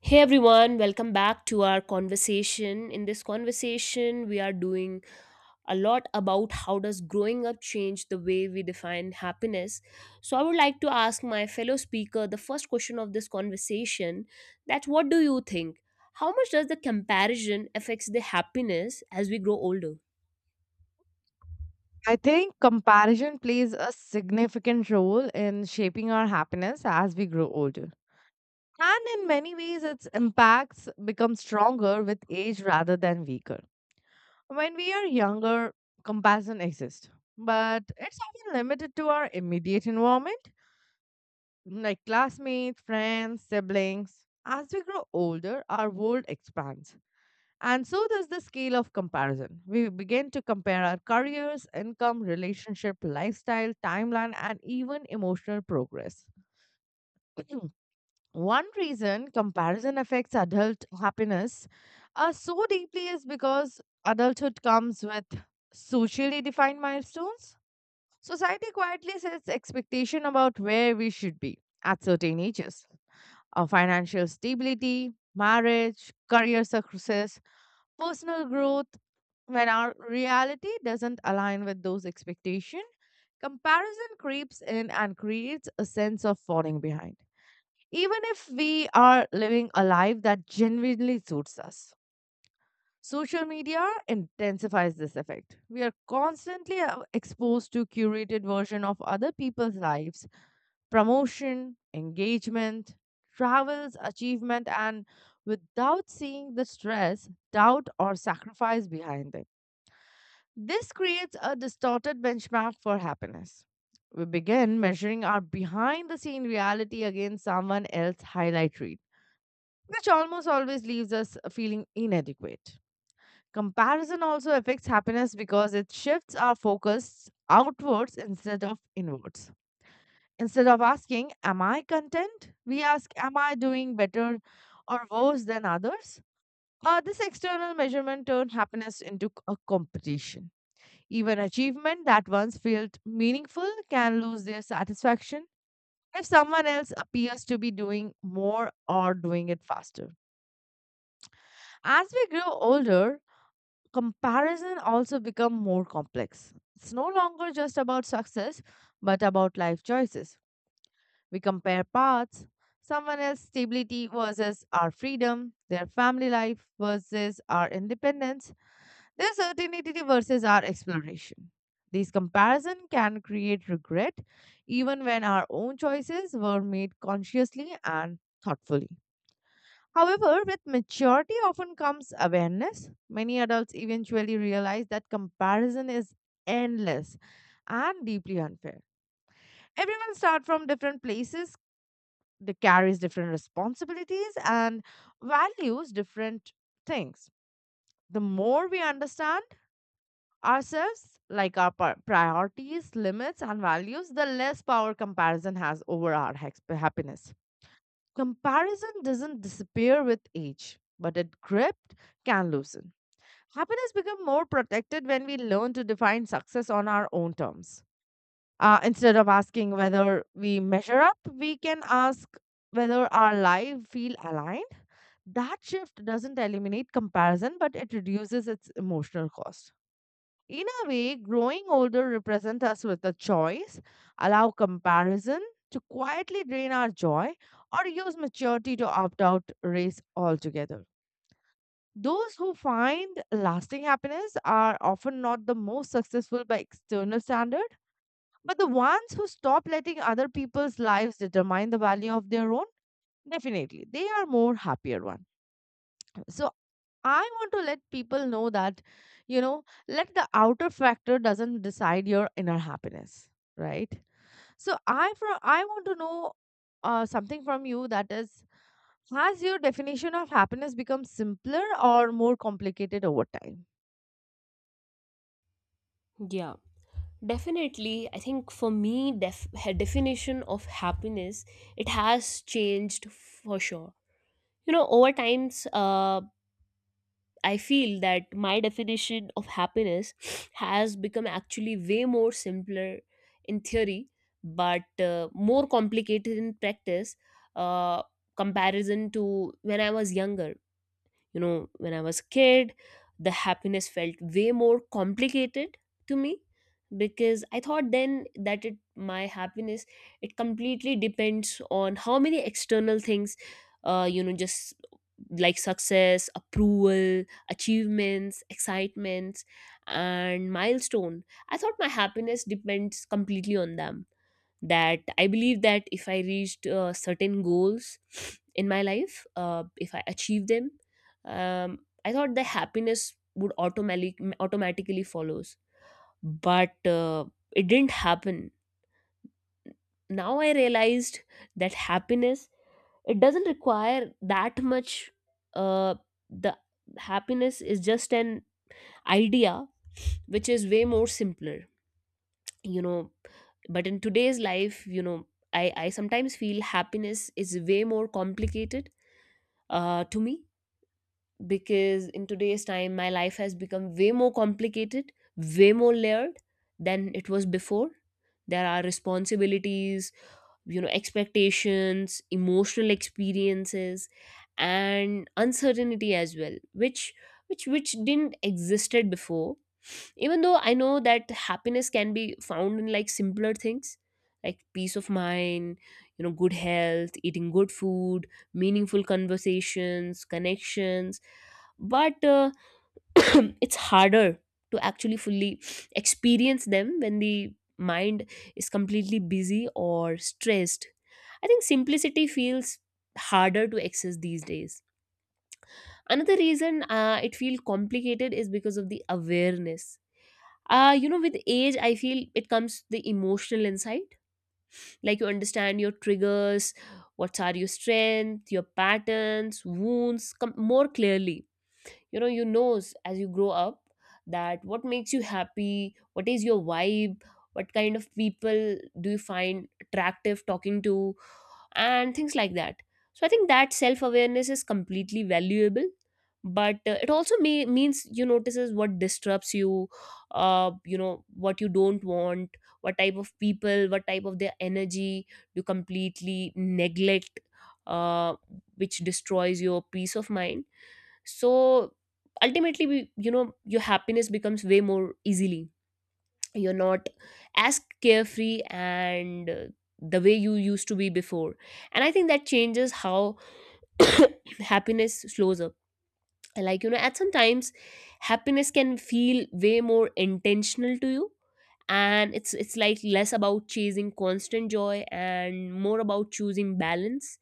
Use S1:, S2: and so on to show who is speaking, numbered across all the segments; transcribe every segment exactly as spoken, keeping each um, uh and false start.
S1: Hey everyone, welcome back to our conversation. In this conversation, we are doing a lot about how does growing up change the way we define happiness. So I would like to ask my fellow speaker the first question of this conversation that what do you think? How much does the comparison affects the happiness as we grow older?
S2: I think comparison plays a significant role in shaping our happiness as we grow older. And in many ways, its impacts become stronger with age rather than weaker. When we are younger, comparison exists, but it's often limited to our immediate environment, like classmates, friends, siblings. As we grow older, our world expands and so does the scale of comparison. We begin to compare our careers, income, relationship, lifestyle, timeline, and even emotional progress. One reason comparison affects adult happiness uh, so deeply is because adulthood comes with socially defined milestones. Society quietly sets expectation about where we should be at certain ages. Our financial stability, marriage, career success, personal growth when our reality doesn't align with those expectations, comparison creeps in and creates a sense of falling behind. Even if we are living a life that genuinely suits us, social media intensifies this effect. We are constantly uh, exposed to curated version of other people's lives, promotion, engagement, travels, achievement, and without seeing the stress, doubt, or sacrifice behind them. This creates a distorted benchmark for happiness. We begin measuring our behind the scene reality against someone else's highlight reel, which almost always leaves us feeling inadequate. Comparison also affects happiness because it shifts our focus outwards instead of inwards. Instead of asking, am I content? We ask, am I doing better or worse than others? Uh, this external measurement turns happiness into c- a competition. Even achievement that once felt meaningful can lose their satisfaction if someone else appears to be doing more or doing it faster. As we grow older, comparison also become more complex. It's no longer just about success, but about life choices. We compare paths, someone else's stability versus our freedom, their family life versus our independence, their certainty versus our exploration. This comparison can create regret even when our own choices were made consciously and thoughtfully. However, with maturity often comes awareness. Many adults eventually realize that comparison is endless and deeply unfair. Everyone starts from different places, they carries different responsibilities and values different things. The more we understand, ourselves, like our pri- priorities, limits, and values, the less power comparison has over our hex- happiness. Comparison doesn't disappear with age, but it gripped can loosen. Happiness becomes more protected when we learn to define success on our own terms. Uh, instead of asking whether we measure up, we can ask whether our life feel aligned. That shift doesn't eliminate comparison, but it reduces its emotional cost. In a way, growing older represents us with a choice, allow comparison to quietly drain our joy, or use maturity to opt out race altogether. Those who find lasting happiness are often not the most successful by external standard, but the ones who stop letting other people's lives determine the value of their own, definitely they are more happier one. So I want to let people know that, you know, let the outer factor doesn't decide your inner happiness, right? So I from I want to know uh, something from you that is, has your definition of happiness become simpler or more complicated over time?
S1: Yeah, definitely, I think for me, def- ha- definition of happiness it has changed for sure. You know, over times, uh, I feel that my definition of happiness has become actually way more simpler in theory, but uh, more complicated in practice, uh, comparison to when I was younger. You know, when I was a kid, the happiness felt way more complicated to me because I thought then that it, my happiness, it completely depends on how many external things, uh, you know just like success, approval, achievements, excitements, and milestone. I thought my happiness depends completely on them, that I believe that if I reached uh, certain goals in my life, uh, if I achieve them, um, I thought the happiness would automatically automatically follows. But uh, it didn't happen. Now I realized that happiness, it doesn't require that much. Uh, the happiness is just an idea which is way more simpler, you know. But in today's life, you know, i i sometimes feel happiness is way more complicated uh to me because in today's time my life has become way more complicated, way more layered than it was before. There are responsibilities, you know, expectations, emotional experiences, and uncertainty as well, which which which didn't existed before. Even though I know that happiness can be found in like simpler things, like peace of mind, you know, good health, eating good food, meaningful conversations, connections. But uh, it's harder to actually fully experience them when the mind is completely busy or stressed. I think simplicity feels harder to access these days. Another reason uh, it feels complicated is because of the awareness. Uh you know, with age I feel it comes the emotional insight, like you understand your triggers, what are your strength, your patterns, wounds come more clearly. You know, you knows as you grow up that what makes you happy, what is your vibe, what kind of people do you find attractive talking to, and things like that. So I think that self awareness is completely valuable, but uh, it also may, means you notices what disturbs you, uh, you know, what you don't want, what type of people, what type of their energy you completely neglect, uh, which destroys your peace of mind. So ultimately, we, you know, your happiness becomes way more easily. You're not as carefree and uh, the way you used to be before, and I think that changes how happiness slows up. And like, you know, at some times happiness can feel way more intentional to you, and it's it's like less about chasing constant joy and more about choosing balance,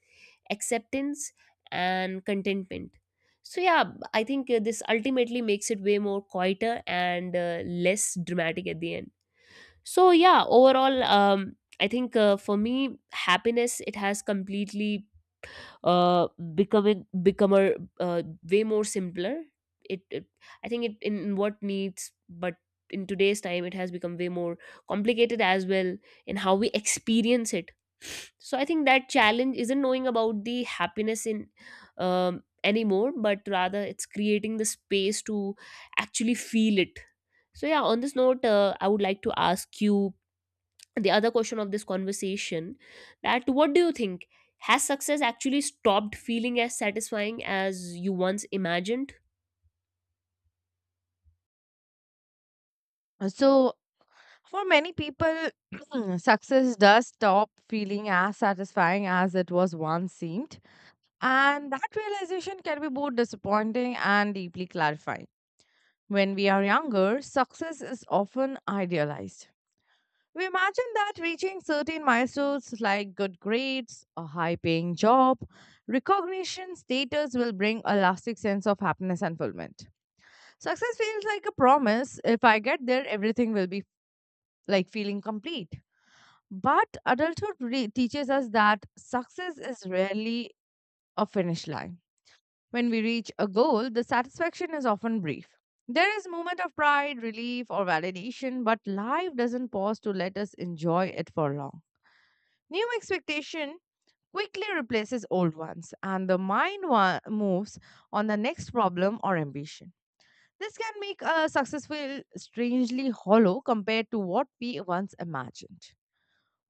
S1: acceptance, and contentment. So yeah, I think uh, this ultimately makes it way more quieter and uh, less dramatic at the end. So yeah, overall, um I think uh, for me happiness, it has completely uh becoming become a uh, way more simpler. it, it I think it in what needs, but in today's time it has become way more complicated as well in how we experience it. So I think that challenge isn't knowing about the happiness in um, anymore, but rather it's creating the space to actually feel it. So yeah, on this note, uh, I would like to ask you the other question of this conversation, that what do you think, has success actually stopped feeling as satisfying as you once imagined?
S2: Uh, So for many people, success does stop feeling as satisfying as it was once seemed. And that realization can be both disappointing and deeply clarifying. When we are younger, success is often idealized. We imagine that reaching certain milestones like good grades, a high paying job, recognition, status will bring a lasting sense of happiness and fulfillment. Success feels like a promise. If I get there, everything will be like feeling complete. But adulthood re- teaches us that success is rarely a finish line. When we reach a goal, the satisfaction is often brief. There is moment of pride, relief, or validation, but life doesn't pause to let us enjoy it for long. New expectation quickly replaces old ones, and the mind wa- moves on the next problem or ambition. This can make a success feel strangely hollow compared to what we once imagined.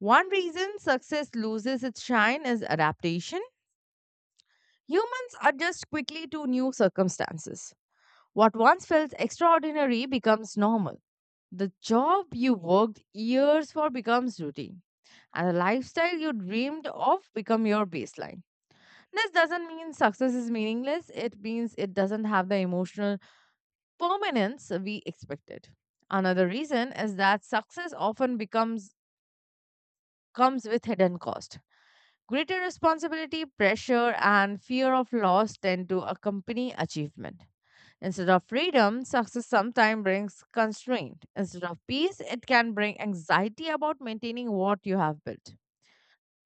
S2: One reason success loses its shine is adaptation. Humans adjust quickly to new circumstances. What once felt extraordinary becomes normal. The job you worked years for becomes routine. And the lifestyle you dreamed of become your baseline. This doesn't mean success is meaningless. It means it doesn't have the emotional permanence we expected. Another reason is that success often becomes comes with hidden cost. Greater responsibility, pressure, and fear of loss tend to accompany achievement. Instead of freedom, success sometimes brings constraint. Instead of peace, it can bring anxiety about maintaining what you have built.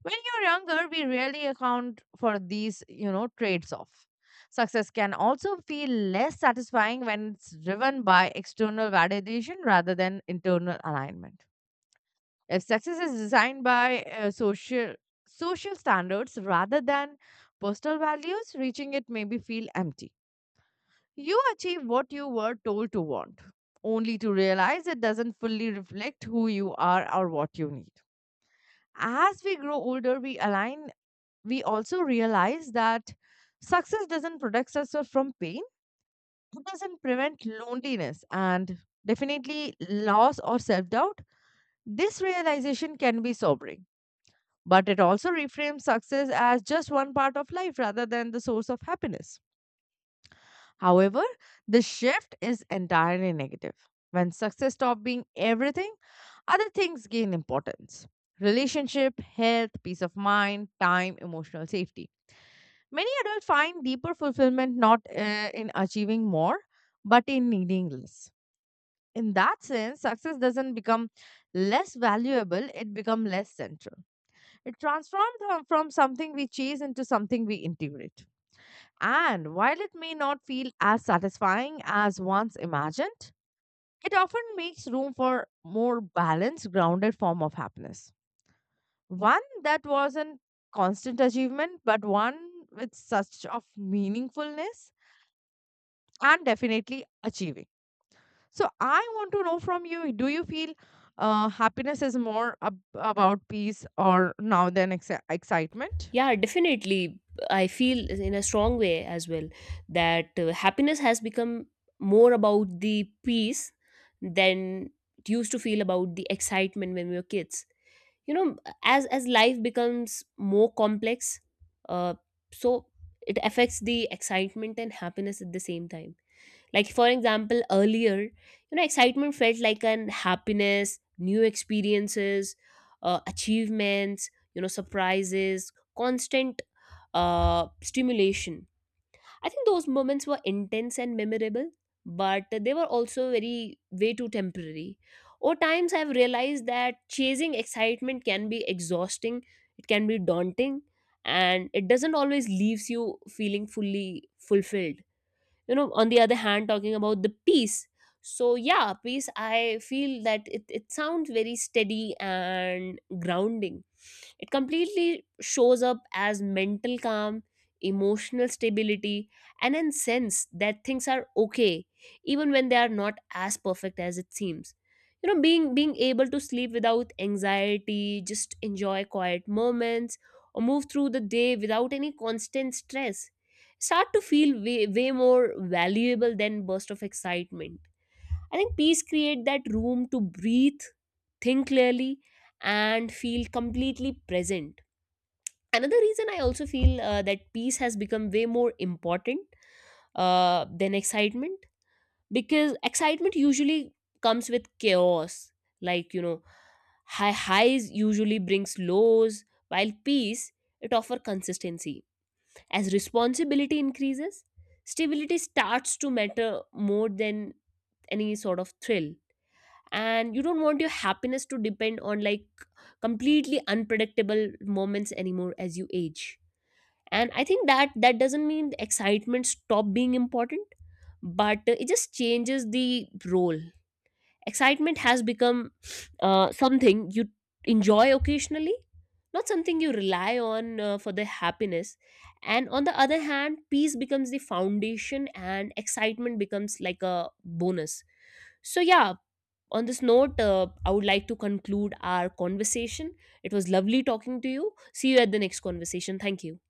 S2: When you're younger, we rarely account for these, you know, trades off. Success can also feel less satisfying when it's driven by external validation rather than internal alignment. If success is designed by uh, social social standards rather than personal values, reaching it may be feel empty. You achieve what you were told to want, only to realize it doesn't fully reflect who you are or what you need. As we grow older, we align, we also realize that success doesn't protect us from pain, it doesn't prevent loneliness, and definitely loss or self doubt. This realization can be sobering, but it also reframes success as just one part of life rather than the source of happiness. However, the shift is entirely negative. When success stops being everything, other things gain importance relationship, health, peace of mind, time, emotional safety. Many adults find deeper fulfillment not uh, in achieving more, but in needing less. In that sense, success doesn't become less valuable, it becomes less central. It transforms from from something we chase into something we integrate. And while it may not feel as satisfying as once imagined, it often makes room for more balanced, grounded form of happiness. One that wasn't constant achievement, but one with such of meaningfulness and definitely achieving. So I want to know from you, do you feel uh, happiness is more ab- about peace or now than ex- excitement?
S1: Yeah, definitely, I feel in a strong way as well that uh, happiness has become more about the peace than it used to feel about the excitement when we were kids, you know. as as life becomes more complex, uh, so it affects the excitement and happiness at the same time. Like, for example, earlier, you know, excitement felt like an happiness, new experiences, uh, achievements, you know, surprises, constant uh, stimulation. I think those moments were intense and memorable, but they were also very, way too temporary. Over times, I've realized that chasing excitement can be exhausting, it can be daunting, and it doesn't always leaves you feeling fully fulfilled. You know, on the other hand, talking about the peace, so yeah, peace, I feel that it, it sounds very steady and grounding. It completely shows up as mental calm, emotional stability, and a sense that things are okay, even when they are not as perfect as it seems. You know, being being able to sleep without anxiety, just enjoy quiet moments, or move through the day without any constant stress, start to feel way, way more valuable than burst of excitement. I think peace create that room to breathe, think clearly, and feel completely present. Another reason I also feel uh, that peace has become way more important uh, than excitement, because excitement usually comes with chaos. Like, you know, high highs usually brings lows, while peace, it offer consistency. As responsibility increases, stability starts to matter more than any sort of thrill, and you don't want your happiness to depend on like completely unpredictable moments anymore as you age. And I think that that doesn't mean the excitement stop being important, but uh, it just changes the role. Excitement has become uh, something you enjoy occasionally, not something you rely on uh, for the happiness. And on the other hand, peace becomes the foundation and excitement becomes like a bonus. So yeah, on this note, uh, I would like to conclude our conversation. It was lovely talking to you. See you at the next conversation. Thank you.